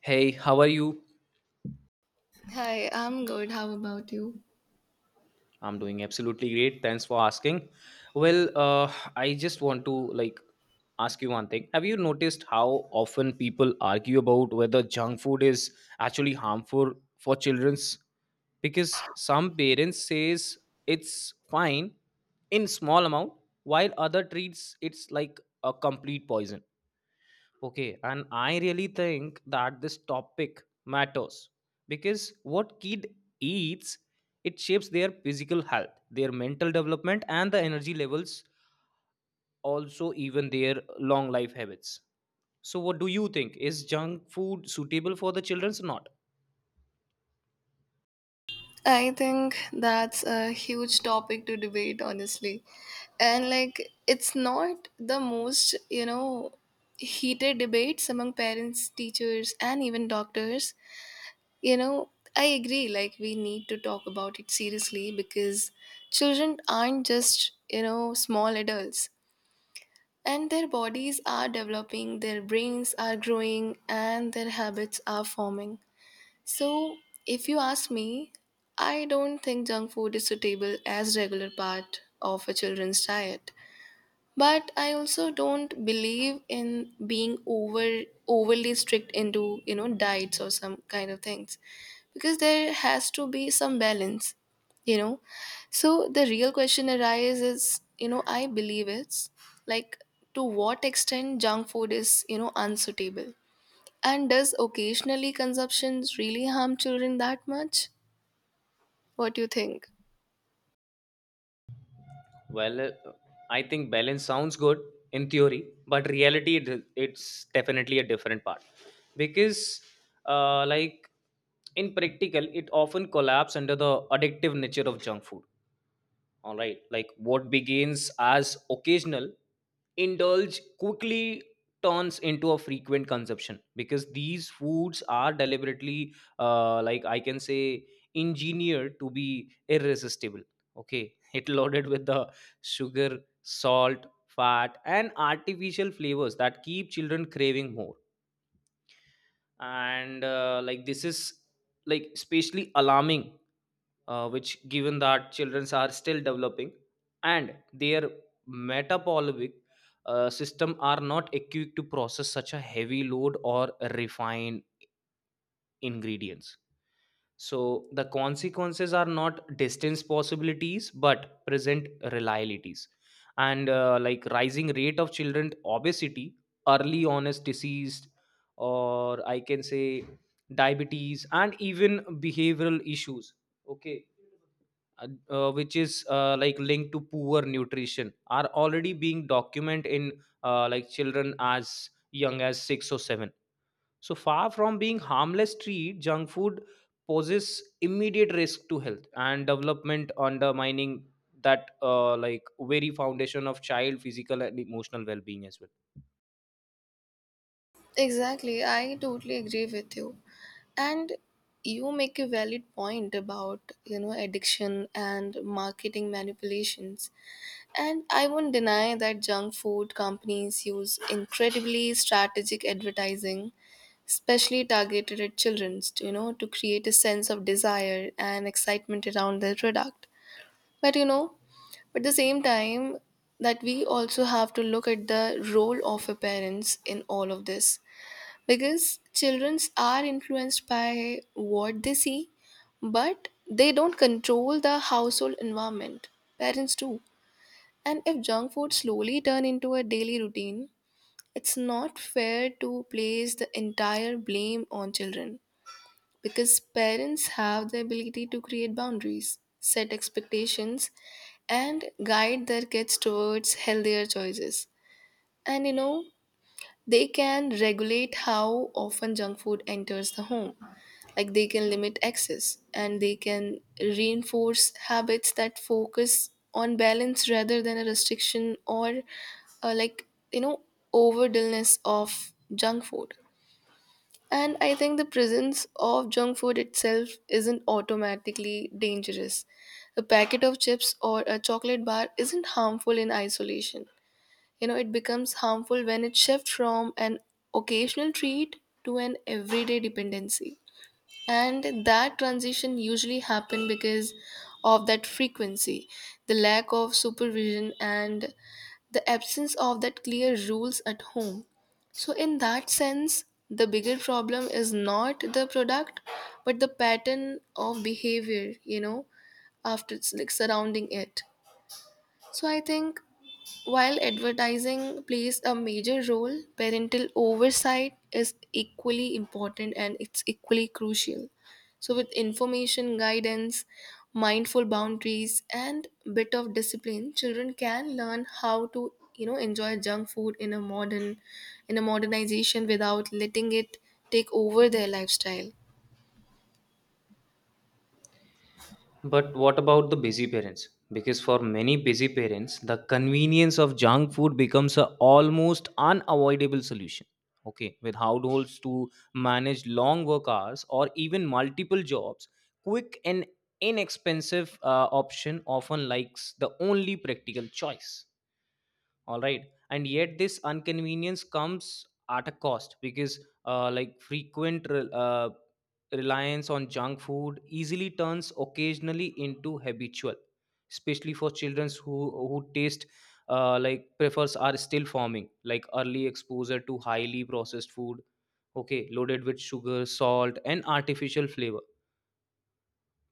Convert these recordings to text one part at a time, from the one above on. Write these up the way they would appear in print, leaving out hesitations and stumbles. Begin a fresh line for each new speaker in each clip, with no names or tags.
Hey, how are you?
Hi, I'm good. How about you?
I'm doing absolutely great. Thanks for asking. I just want to ask you one thing. Have you noticed how often people argue about whether junk food is actually harmful for children's? Because some parents says it's fine in small amount, while other treats it's like a complete poison. Okay, and I really think that this topic matters because what kid eats it shapes their physical health, their mental development and the energy levels also even their long life habits. So what do you think, is junk food suitable for the children's or not?
I think that's a huge topic to debate, honestly. And like, it's not the most heated debates among parents, teachers, and even doctors. You know, I agree, like, we need to talk about it seriously because children aren't just small adults. And their bodies are developing, their brains are growing, and their habits are forming. So, if you ask me, I don't think junk food is suitable as regular part of a children's diet. But I also don't believe in being overly strict into diets or some kind of things because there has to be some balance, you know. So the real question arises is I believe it's like to what extent junk food is unsuitable and does occasionally consumption really harm children that much? What do you think?
Well, uh, I think balance sounds good in theory, but reality it's definitely a different part because, uh, like in practical, it often collapses under the addictive nature of junk food. All right. Like what begins as occasional indulge quickly turns into a frequent consumption because these foods are deliberately, like I can say, engineered to be irresistible. Okay. It loaded with the sugar, salt, fat, and artificial flavors that keep children craving more. And this is like especially alarming, which given that children are still developing and their metabolic system are not equipped to process such a heavy load or refined ingredients. So the consequences are not distance possibilities but present realities, and rising rate of children obesity, early onset disease, or I can say diabetes, and even behavioral issues. Okay. Which is linked to poor nutrition, are already being documented in children as young as 6 or 7. So far from being harmless treat, junk food poses immediate risk to health and development, undermining that very foundation of child physical and emotional well-being as well.
Exactly, I totally agree with you. And you make a valid point about addiction and marketing manipulations. And I won't deny that junk food companies use incredibly strategic advertising, especially targeted at children, you know, to create a sense of desire and excitement around their product. But you know, But at the same time, that we also have to look at the role of a parents in all of this because children are influenced by what they see, but they don't control the household environment. Parents do. And if junk food slowly turn into a daily routine, it's not fair to place the entire blame on children because parents have the ability to create boundaries, set expectations, and guide their kids towards healthier choices. And you know, they can regulate how often junk food enters the home. Like they can limit access and they can reinforce habits that focus on balance rather than a restriction or like overdose of junk food. And I think the presence of junk food itself isn't automatically dangerous. A packet of chips or a chocolate bar isn't harmful in isolation. You know, it becomes harmful when it shifts from an occasional treat to an everyday dependency, and that transition usually happen because of that frequency, the lack of supervision, and the absence of that clear rules at home. So in that sense, the bigger problem is not the product but the pattern of behavior, after it's like surrounding it. So I think while advertising plays a major role, parental oversight is equally important and it's equally crucial. So, with information guidance, mindful boundaries, and bit of discipline, children can learn how to enjoy junk food in a modernization without letting it take over their lifestyle.
But what about the busy parents? Because for many busy parents, the convenience of junk food becomes a almost unavoidable solution. Okay, with households to manage long work hours or even multiple jobs, quick and inexpensive option often likes the only practical choice. All right. And yet this inconvenience comes at a cost because frequent reliance on junk food easily turns occasionally into habitual, especially for children who taste prefers are still forming. Like early exposure to highly processed food, okay, loaded with sugar, salt, and artificial flavor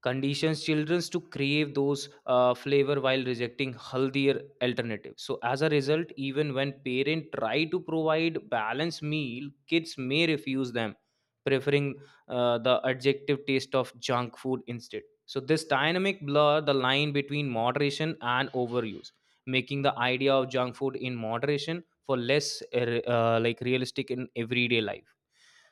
conditions children to crave those flavor while rejecting healthier alternatives. So as a result, even when parent try to provide balanced meal, kids may refuse them, preferring the adjective taste of junk food instead. So this dynamic blur the line between moderation and overuse, making the idea of junk food in moderation for less realistic in everyday life.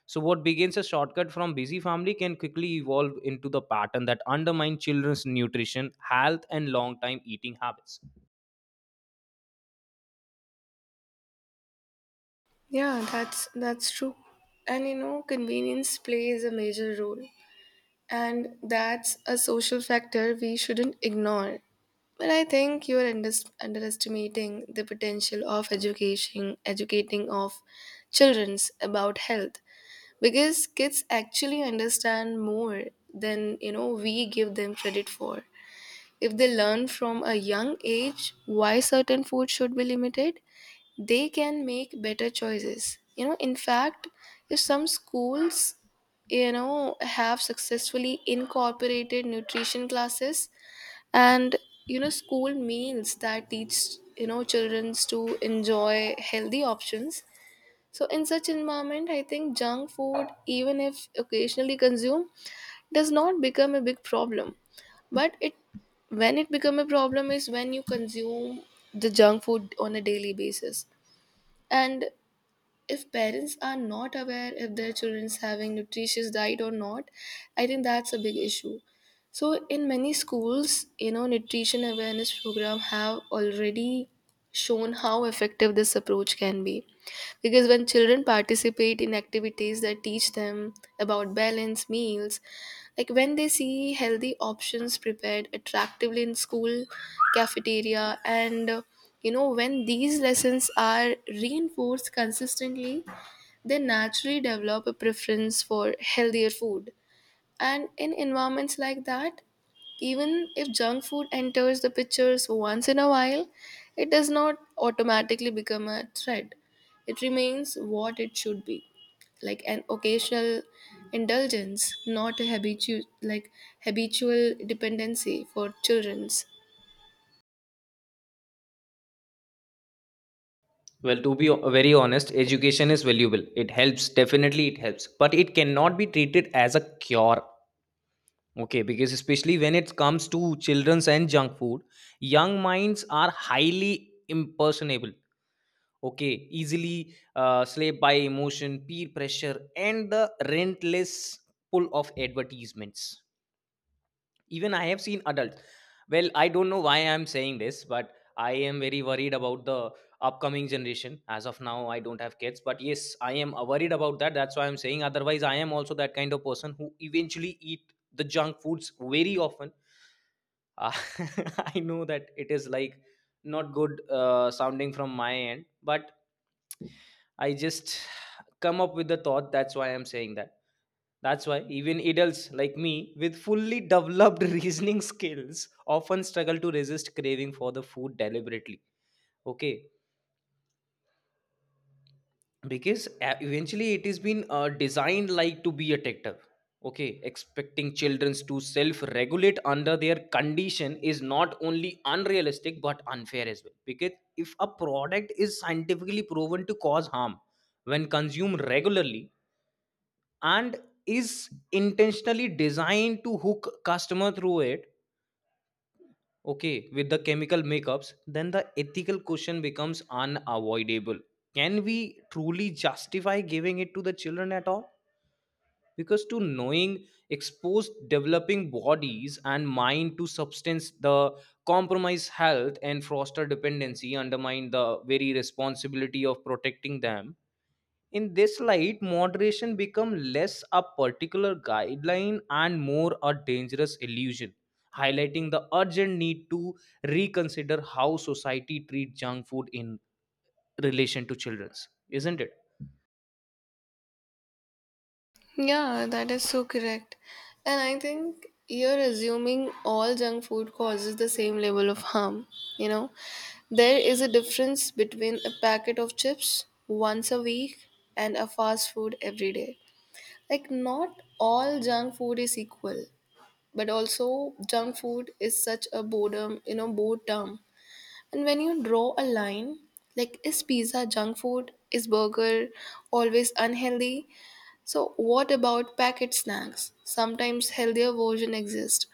So what begins as shortcut from busy family can quickly evolve into the pattern that undermines children's nutrition, health, and long time eating habits.
Yeah, that's true. And convenience plays a major role. And that's a social factor we shouldn't ignore. But I think you're unders underestimating the potential of education, educating of children's about health, because kids actually understand more than we give them credit for. If they learn from a young age why certain food should be limited, they can make better choices. In fact, if some schools have successfully incorporated nutrition classes, and school meals that teach children to enjoy healthy options. So in such environment, I think junk food, even if occasionally consumed, does not become a big problem. But it when it become a problem is when you consume the junk food on a daily basis. And if parents are not aware if their children's having nutritious diet or not, I think that's a big issue. So in many schools, nutrition awareness program have already shown how effective this approach can be, because when children participate in activities that teach them about balance meals, like when they see healthy options prepared attractively in school cafeteria, and when these lessons are reinforced consistently, they naturally develop a preference for healthier food. And in environments like that, even if junk food enters the pictures once in a while, it does not automatically become a threat. It remains what it should be, like an occasional indulgence, not a habitual dependency for children's.
Well, to be very honest, education is valuable. It helps, definitely, it helps. But it cannot be treated as a cure. Okay, because especially when it comes to children's and junk food, young minds are highly impersonable. Okay, easily slayed by emotion, peer pressure, and the relentless pull of advertisements. Even I have seen adults. Well, I don't know why I'm saying this, but I am very worried about the upcoming generation. As of now, I don't have kids, but yes, I am worried about that. That's why I'm saying, otherwise I am also that kind of person who eventually eat the junk foods very often. Uh, I know that it is like not good sounding from my end, but I just come up with the thought. That's why I'm saying that. That's why even adults like me with fully developed reasoning skills often struggle to resist craving for the food deliberately. Okay, because eventually it has been designed like to be addictive. Okay, expecting children to self regulate under their condition is not only unrealistic but unfair as well. Because if a product is scientifically proven to cause harm when consumed regularly, and is intentionally designed to hook customer through it, okay, with the chemical makeups, then the ethical question becomes unavoidable. Can we truly justify giving it to the children at all? Because to knowing exposed developing bodies and mind to substance the compromise health and foster dependency undermine the very responsibility of protecting them. In this light, moderation become less a particular guideline and more a dangerous illusion, highlighting the urgent need to reconsider how society treats junk food in relation to children's, isn't it?
Yeah, that is so correct. And I think you're assuming all junk food causes the same level of harm, you know? There is a difference between a packet of chips once a week and a fast food every day. Like, not all junk food is equal, but also junk food is such a boredom, you know, bored term. And when you draw a line, like, is pizza junk food? Is burger always unhealthy? So, what about packet snacks? Sometimes healthier version exist,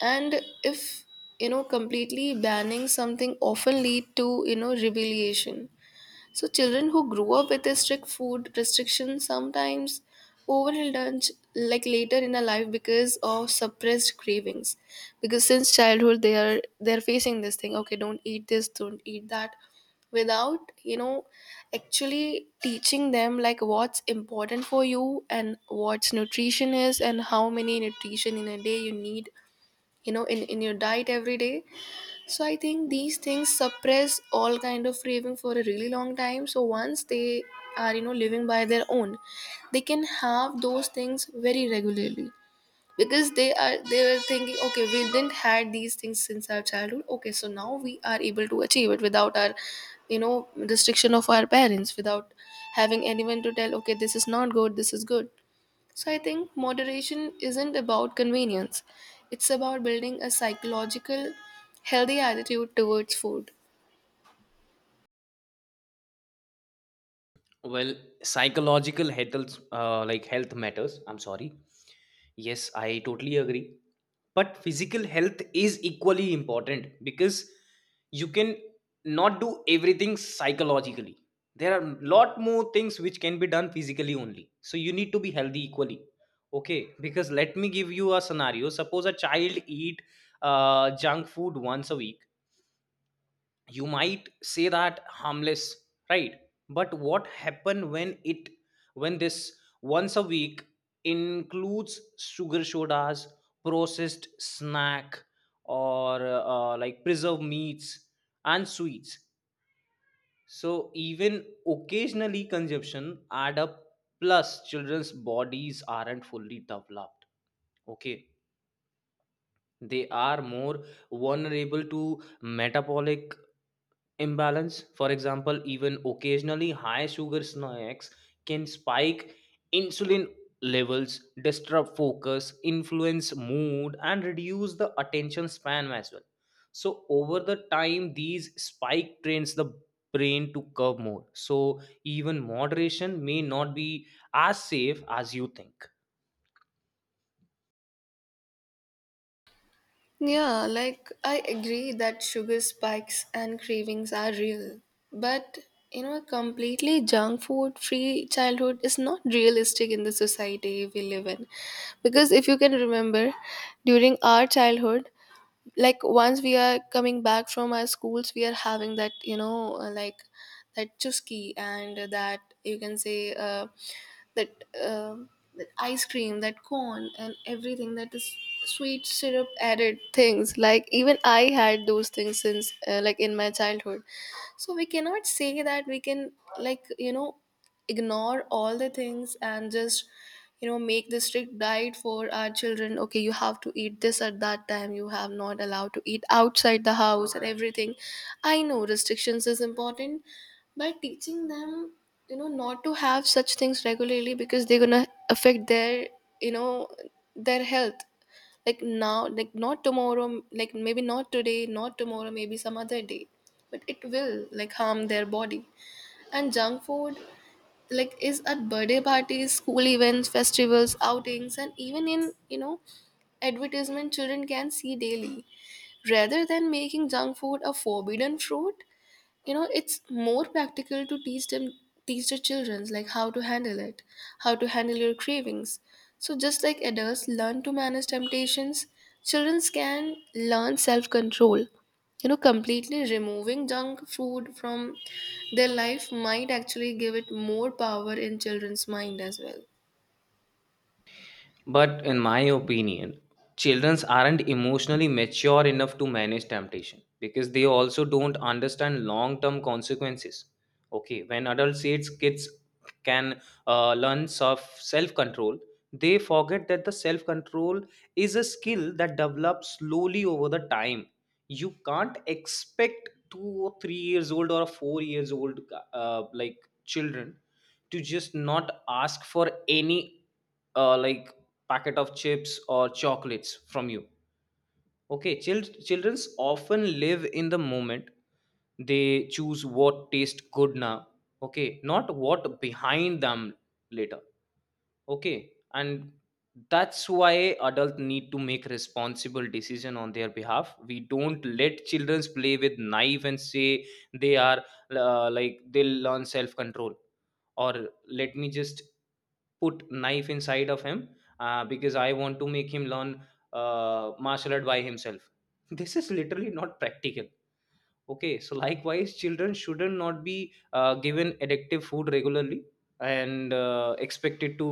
and if completely banning something often lead to rebellion. So children who grew up with a strict food restriction sometimes overindulge like later in their life because of suppressed cravings, because since childhood they're facing this thing, okay, don't eat this, don't eat that, without actually teaching them like what's important for you, and what's nutrition is, and how many nutrition in a day you need, in your diet every day. So I think these things suppress all kind of craving for a really long time, so once they are living by their own, they can have those things very regularly, because they were thinking, okay, we didn't had these things since our childhood, okay, so now we are able to achieve it without our restriction of our parents, without having anyone to tell, okay, this is not good, this is good. So I think moderation isn't about convenience. It's about building a psychological healthy attitude towards food.
Well, psychological health health matters, I'm sorry. Yes, I totally agree. But physical health is equally important because you can not do everything psychologically. There are lot more things which can be done physically only, so you need to be healthy equally. Okay, because let me give you a scenario. Suppose a child eat junk food once a week, you might say that harmless, right? But what happen when it, when this once a week includes sugar sodas, processed snack, or preserved meats and sweets? So even occasionally consumption add up. Plus children's bodies aren't fully developed. Okay, they are more vulnerable to metabolic imbalance. For example, even occasionally high sugar snacks can spike insulin levels, disrupt focus, influence mood, and reduce the attention span as well. So over the time, these spike trains the brain to curb more. So even moderation may not be as safe as you think.
Yeah, like I agree that sugar spikes and cravings are real, but you know, a completely junk food free childhood is not realistic in the society we live in. Because if you can remember, during our childhood, like once we are coming back from our schools, we are having that, you know, like, that chusky, and that you can say that that ice cream, that cone, and everything that is sweet syrup added things. Like even I had those things since like in my childhood. So we cannot say that we can like ignore all the things and just make the strict diet for our children, okay, you have to eat this at that time, you have not allowed to eat outside the house and everything. I know restrictions is important by teaching them, not to have such things regularly because they're gonna affect their you know their health, like now, like not tomorrow, like maybe not today, not tomorrow, maybe some other day, but it will like harm their body. And junk food like is at birthday parties, school events, festivals, outings, and even in advertisement children can see daily. Rather than making junk food a forbidden fruit, you know, it's more practical to teach them, teach the children, like how to handle it, how to handle your cravings. So just like adults learn to manage temptations, children can learn self-control. You know, completely removing junk food from their life might actually give it more power in children's mind as well.
But in my opinion, childrens aren't emotionally mature enough to manage temptation because they also don't understand long term consequences. Okay, when adults say it's kids can learn self control, they forget that the self control is a skill that develops slowly over the time. You can't expect two or three years old or a four years old uh, like children to just not ask for any uh, like packet of chips or chocolates from you. Okay, children's often live in the moment. They choose what tastes good now, okay, not what behind them later. Okay, and that's why adults need to make responsible decision on their behalf. We don't let children play with knife and say they are they'll learn self control, or let me just put knife inside of him because I want to make him learn martial art by himself. This is literally not practical. Okay, so likewise children shouldn't not be given addictive food regularly and expected to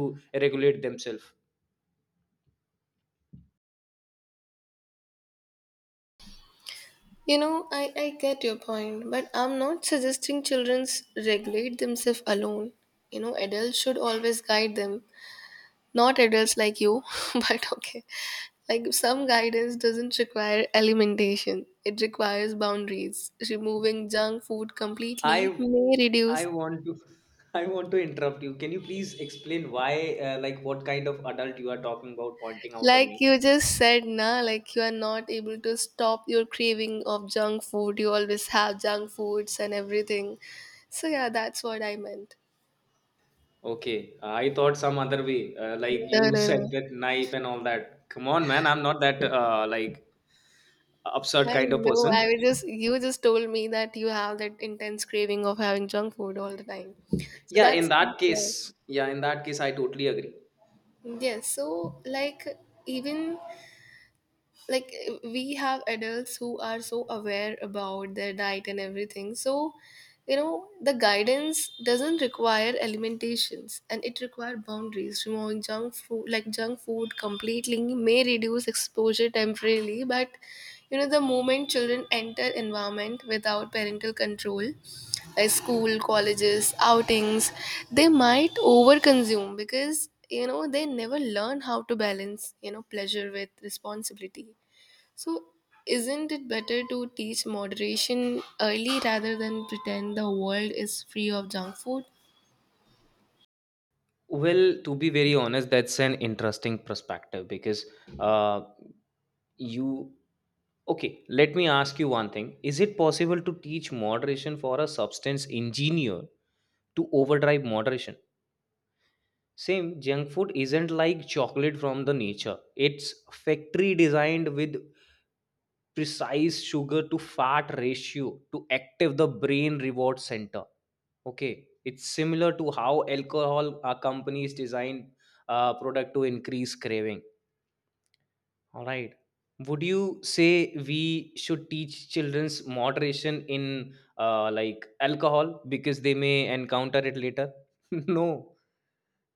regulate themselves.
You know, I get your point, but I'm not suggesting children regulate themselves alone. You know, adults should always guide them. Not adults like you, but okay. Like some guidance doesn't require elimination, it requires boundaries. Removing junk food completely
i
may
i
reduce.
want to I want to interrupt you. Can you please explain why, what kind of adult you are talking about, pointing out on
Like
me?
you just said, na, like you are not able to stop your craving of junk food. You always have junk foods and everything. So yeah, that's what I meant.
Okay, I thought some other way. Like
No, no,
you
no.
said that knife and all that. Come on, man, I'm not that absurd
I
kind of
know.
person.
I was just you just told me that you have that intense craving of having junk food all the time. So
Yeah,
that's
in
that's
that
why.
case, yeah, in that case, I totally agree.
Yes, so like even like we have adults who are so aware about their diet and everything. So the guidance doesn't require alimentations and it requires boundaries. Removing junk food like junk food completely may reduce exposure temporarily, but the moment children enter environment without parental control, like school, colleges, outings, they might overconsume because they never learn how to balance pleasure with responsibility. So, isn't it better to teach moderation early rather than pretend the world is free of junk food?
Well, to be very honest, that's an interesting perspective because uh, you. Okay, let me ask you one thing. Is it possible to teach moderation for a substance engineer to overdrive moderation? Same junk food isn't like chocolate from the nature. It's factory designed with precise sugar to fat ratio to active the brain reward center. Okay, it's similar to how alcohol companies design product to increase craving. All right. Would you say we should teach children's moderation in alcohol because they may encounter it later? No,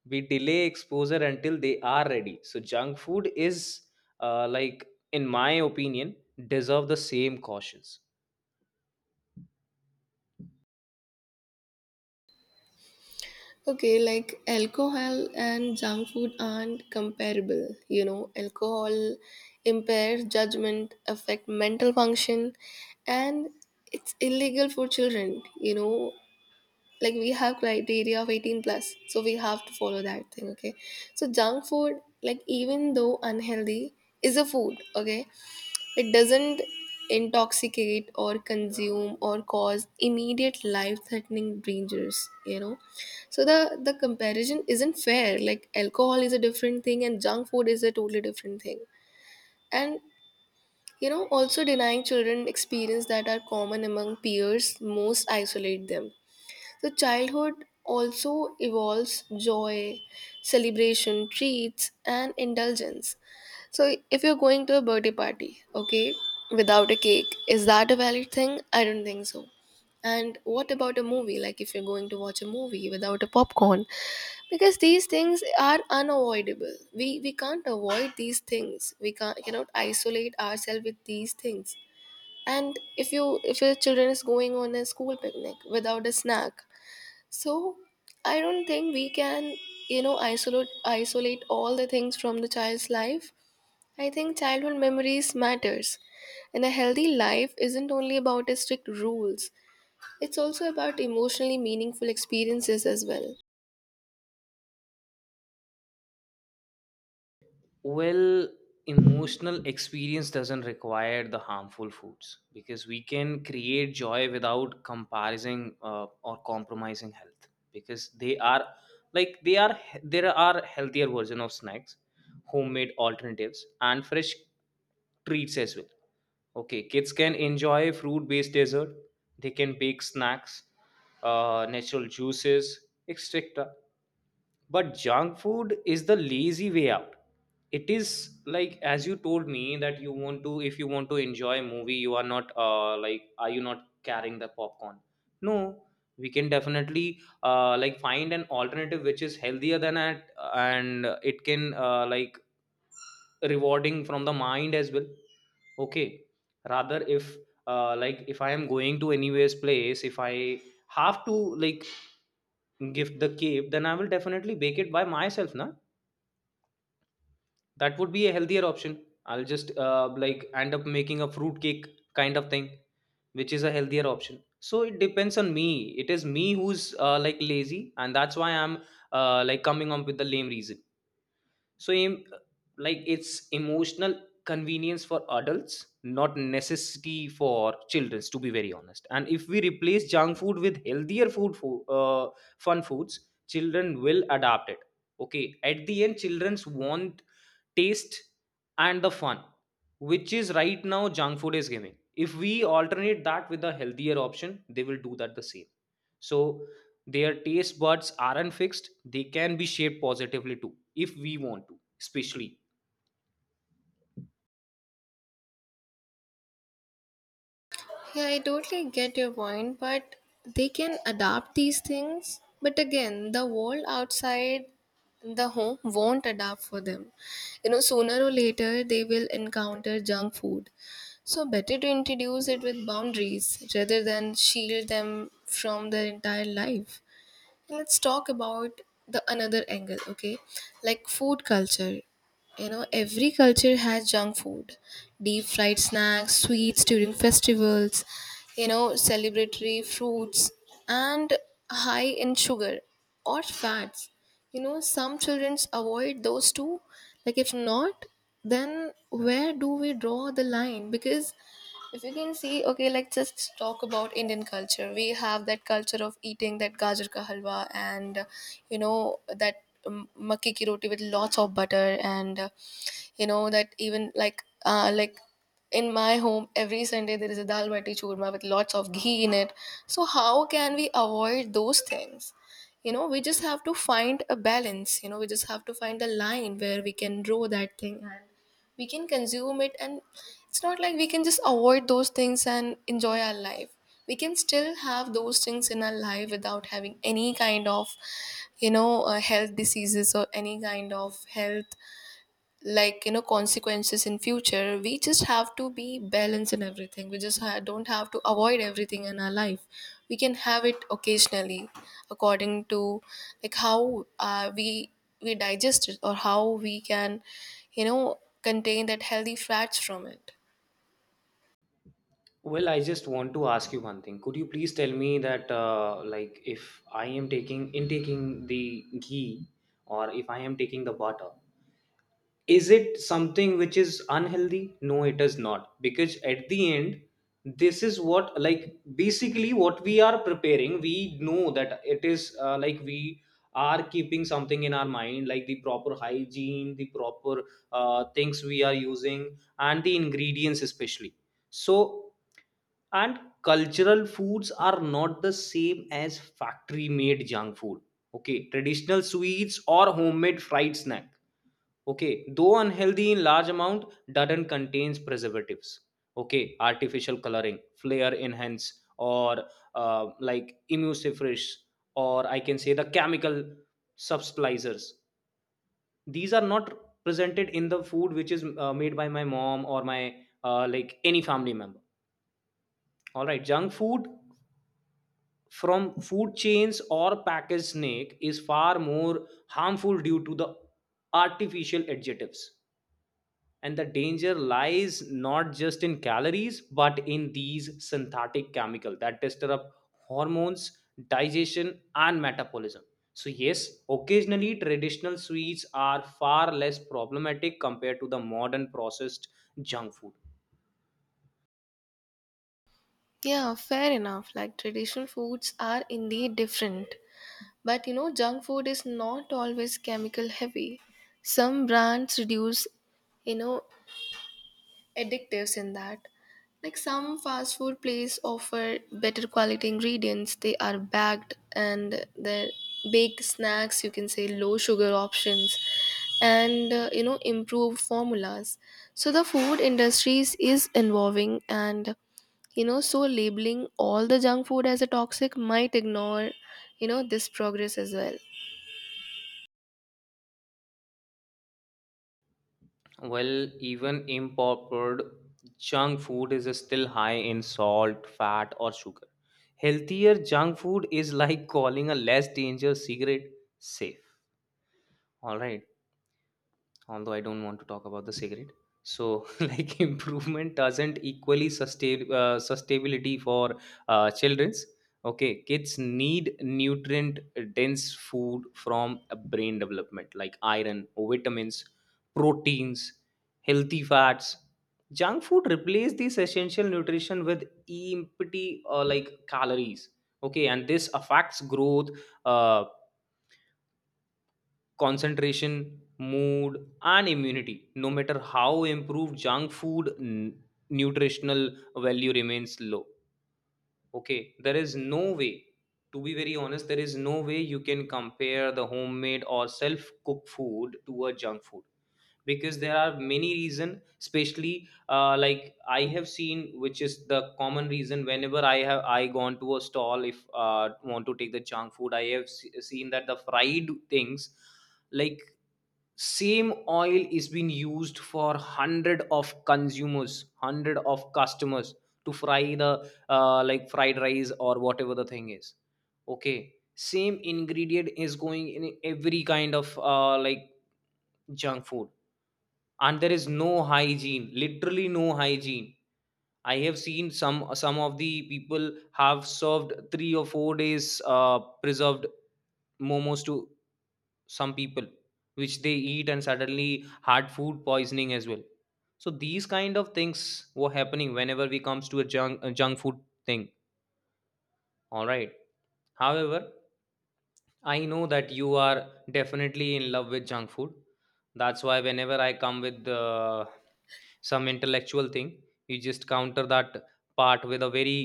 we delay exposure until they are ready. So junk food is, uh, like in my opinion, deserve the same cautions.
Okay, like alcohol and junk food aren't comparable. Alcohol impairs judgment, affect mental function, and it's illegal for children. Like we have criteria of 18 plus, so we have to follow that thing. Okay, so junk food, like even though unhealthy, is a food. Okay, it doesn't intoxicate or consume or cause immediate life threatening dangers, you know. So the comparison isn't fair. Like alcohol is a different thing and junk food is a totally different thing. And you know, also denying children experience that are common among peers most isolate them. So childhood also evolves joy, celebration, treats, and indulgence. So if you're going to a birthday party, okay, without a cake, is that a valid thing? I don't think so. And what about a movie? Like, if you're going to watch a movie without a popcorn, because these things are unavoidable. We can't avoid these things. We can't cannot isolate ourselves with these things. And if your children is going on a school picnic without a snack, so I don't think we can, you know, isolate all the things from the child's life. I think childhood memories matters. And a healthy life isn't only about strict rules. It's also about emotionally meaningful experiences as well.
Well, emotional experience doesn't require the harmful foods because we can create joy without comparing or compromising health. Because they are like they are there are healthier version of snacks, homemade alternatives, and fresh treats as well. Okay, kids can enjoy fruit-based dessert. They can bake snacks, natural juices, etc. But junk food is the lazy way out. It is like, as you told me that you want to, if you want to enjoy a movie, you are not, are you not carrying the popcorn? No, we can definitely find an alternative which is healthier than that, and it can rewarding from the mind as well. Okay. Rather if if I am going to anywhere's place, if I have to, like, gift the cake, then I will definitely bake it by myself na. That would be a healthier option. I'll just end up making a fruit cake kind of thing, which is a healthier option. So it depends on me. It is me who's lazy, and that's why I'm coming up with the lame reason. So like it's emotional convenience for adults, not necessity for children, to be very honest. And if we replace junk food with healthier fun foods, children will adapt it. Okay, at the end childrens want taste and the fun which is right now junk food is giving. If we alternate that with a healthier option, they will do that the same. So their taste buds aren't fixed, they can be shaped positively too, if we want to, especially.
Yeah, I totally get your point, but they can adapt these things. But again, the world outside the home won't adapt for them. You know, sooner or later, they will encounter junk food. So better to introduce it with boundaries rather than shield them from their entire life. Let's talk about the another angle, okay, like food culture. You know, every culture has junk food, deep fried snacks, sweets during festivals, you know, celebratory fruits and high in sugar or fats. You know, some children avoid those two, like, if not, then where do we draw the line? Because if you can see, okay, like just talk about Indian culture. We have that culture of eating that gajar ka halwa and you know that makki ki roti with lots of butter and you know that even like in my home every Sunday there is a dal bati churma with lots of ghee in it. So how can we avoid those things? You know, we just have to find a balance. You know, we just have to find a line where we can grow that thing and we can consume it. And it's not like we can just avoid those things and enjoy our life. We can still have those things in our life without having any kind of, you know, health diseases or any kind of health, like, you know, consequences in future. We just have to be balanced in everything. We just don't have to avoid everything in our life. We can have it occasionally, according to, like, how we digest it or how we can, you know, contain that healthy fats from it.
Well, I just want to ask you one thing. Could you please tell me that, if I am taking intaking the ghee or if I am taking the butter, is it something which is unhealthy? No, it is not, because at the end this is what, like, basically what we are preparing. We know that it is we are keeping something in our mind, like the proper hygiene, the proper things we are using, and the ingredients especially. So, and cultural foods are not the same as factory made junk food. Okay, traditional sweets or homemade fried snack, okay, though unhealthy in large amount, doesn't contains preservatives. Okay, artificial coloring, flavor enhance, or emulsifiers, or I can say the chemical subtilizers. These are not presented in the food which is made by my mom or my any family member. All right, junk food from food chains or packaged snack is far more harmful due to the artificial adjectives. And the danger lies not just in calories, but in these synthetic chemical that disrupt hormones, digestion, and metabolism. So yes, occasionally traditional sweets are far less problematic compared to the modern processed junk food.
Yeah, fair enough. Like traditional foods are indeed different. But you know, junk food is not always chemical heavy. Some brands reduce, you know, addictive in that, like some fast food places offer better quality ingredients. They are bagged, and the baked snacks, you can say, low sugar options and you know, improved formulas. So the food industries is evolving, and you know, so labeling all the junk food as a toxic might ignore, you know, this progress as well.
Well, even imported junk food is still high in salt, fat, or sugar. Healthier junk food is like calling a less dangerous cigarette safe. All right, although I don't want to talk about the cigarette. So, like improvement doesn't equally sustainability for childrens. Okay, kids need nutrient dense food from a brain development, like iron, vitamins, proteins, healthy fats. Junk food replace this essential nutrition with empty calories. Okay, and this affects growth. Uh, Concentration, mood, and immunity. No matter how improved junk food, nutritional value remains low. Okay, there is no way, to be very honest, there is no way you can compare the homemade or self cooked food to a junk food, because there are many reason, especially I have seen, which is the common reason. Whenever I gone to a stall if want to take the junk food, I have seen that the fried things, like, same oil is being used for hundred of consumers, hundred of customers, to fry the fried rice or whatever the thing is. Okay, same ingredient is going in every kind of junk food, and there is no hygiene, literally no hygiene. I have seen some of the people have served 3 or 4 days preserved momos to some people, which they eat and suddenly had food poisoning as well. So these kind of things were happening whenever we comes to a junk food thing. All right. However, I know that you are definitely in love with junk food. That's why whenever I come with some intellectual thing, you just counter that part with a very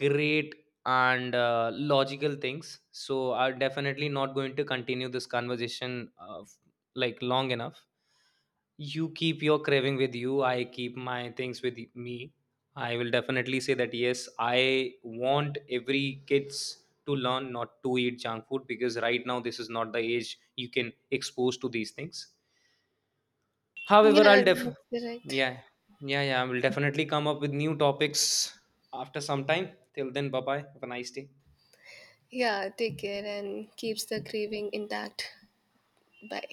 great and logical things. So I'm definitely not going to continue this conversation like long enough. You keep your craving with you, I keep my things with me. I will definitely say that yes, I want every kids to learn not to eat junk food, because right now this is not the age you can expose to these things. However,
Yeah,
I'll def.
that's correct.
Yeah. Yeah, I will definitely come up with new topics after some time. Till then, bye bye, have a nice day.
Yeah, take care and keeps the craving intact. Bye.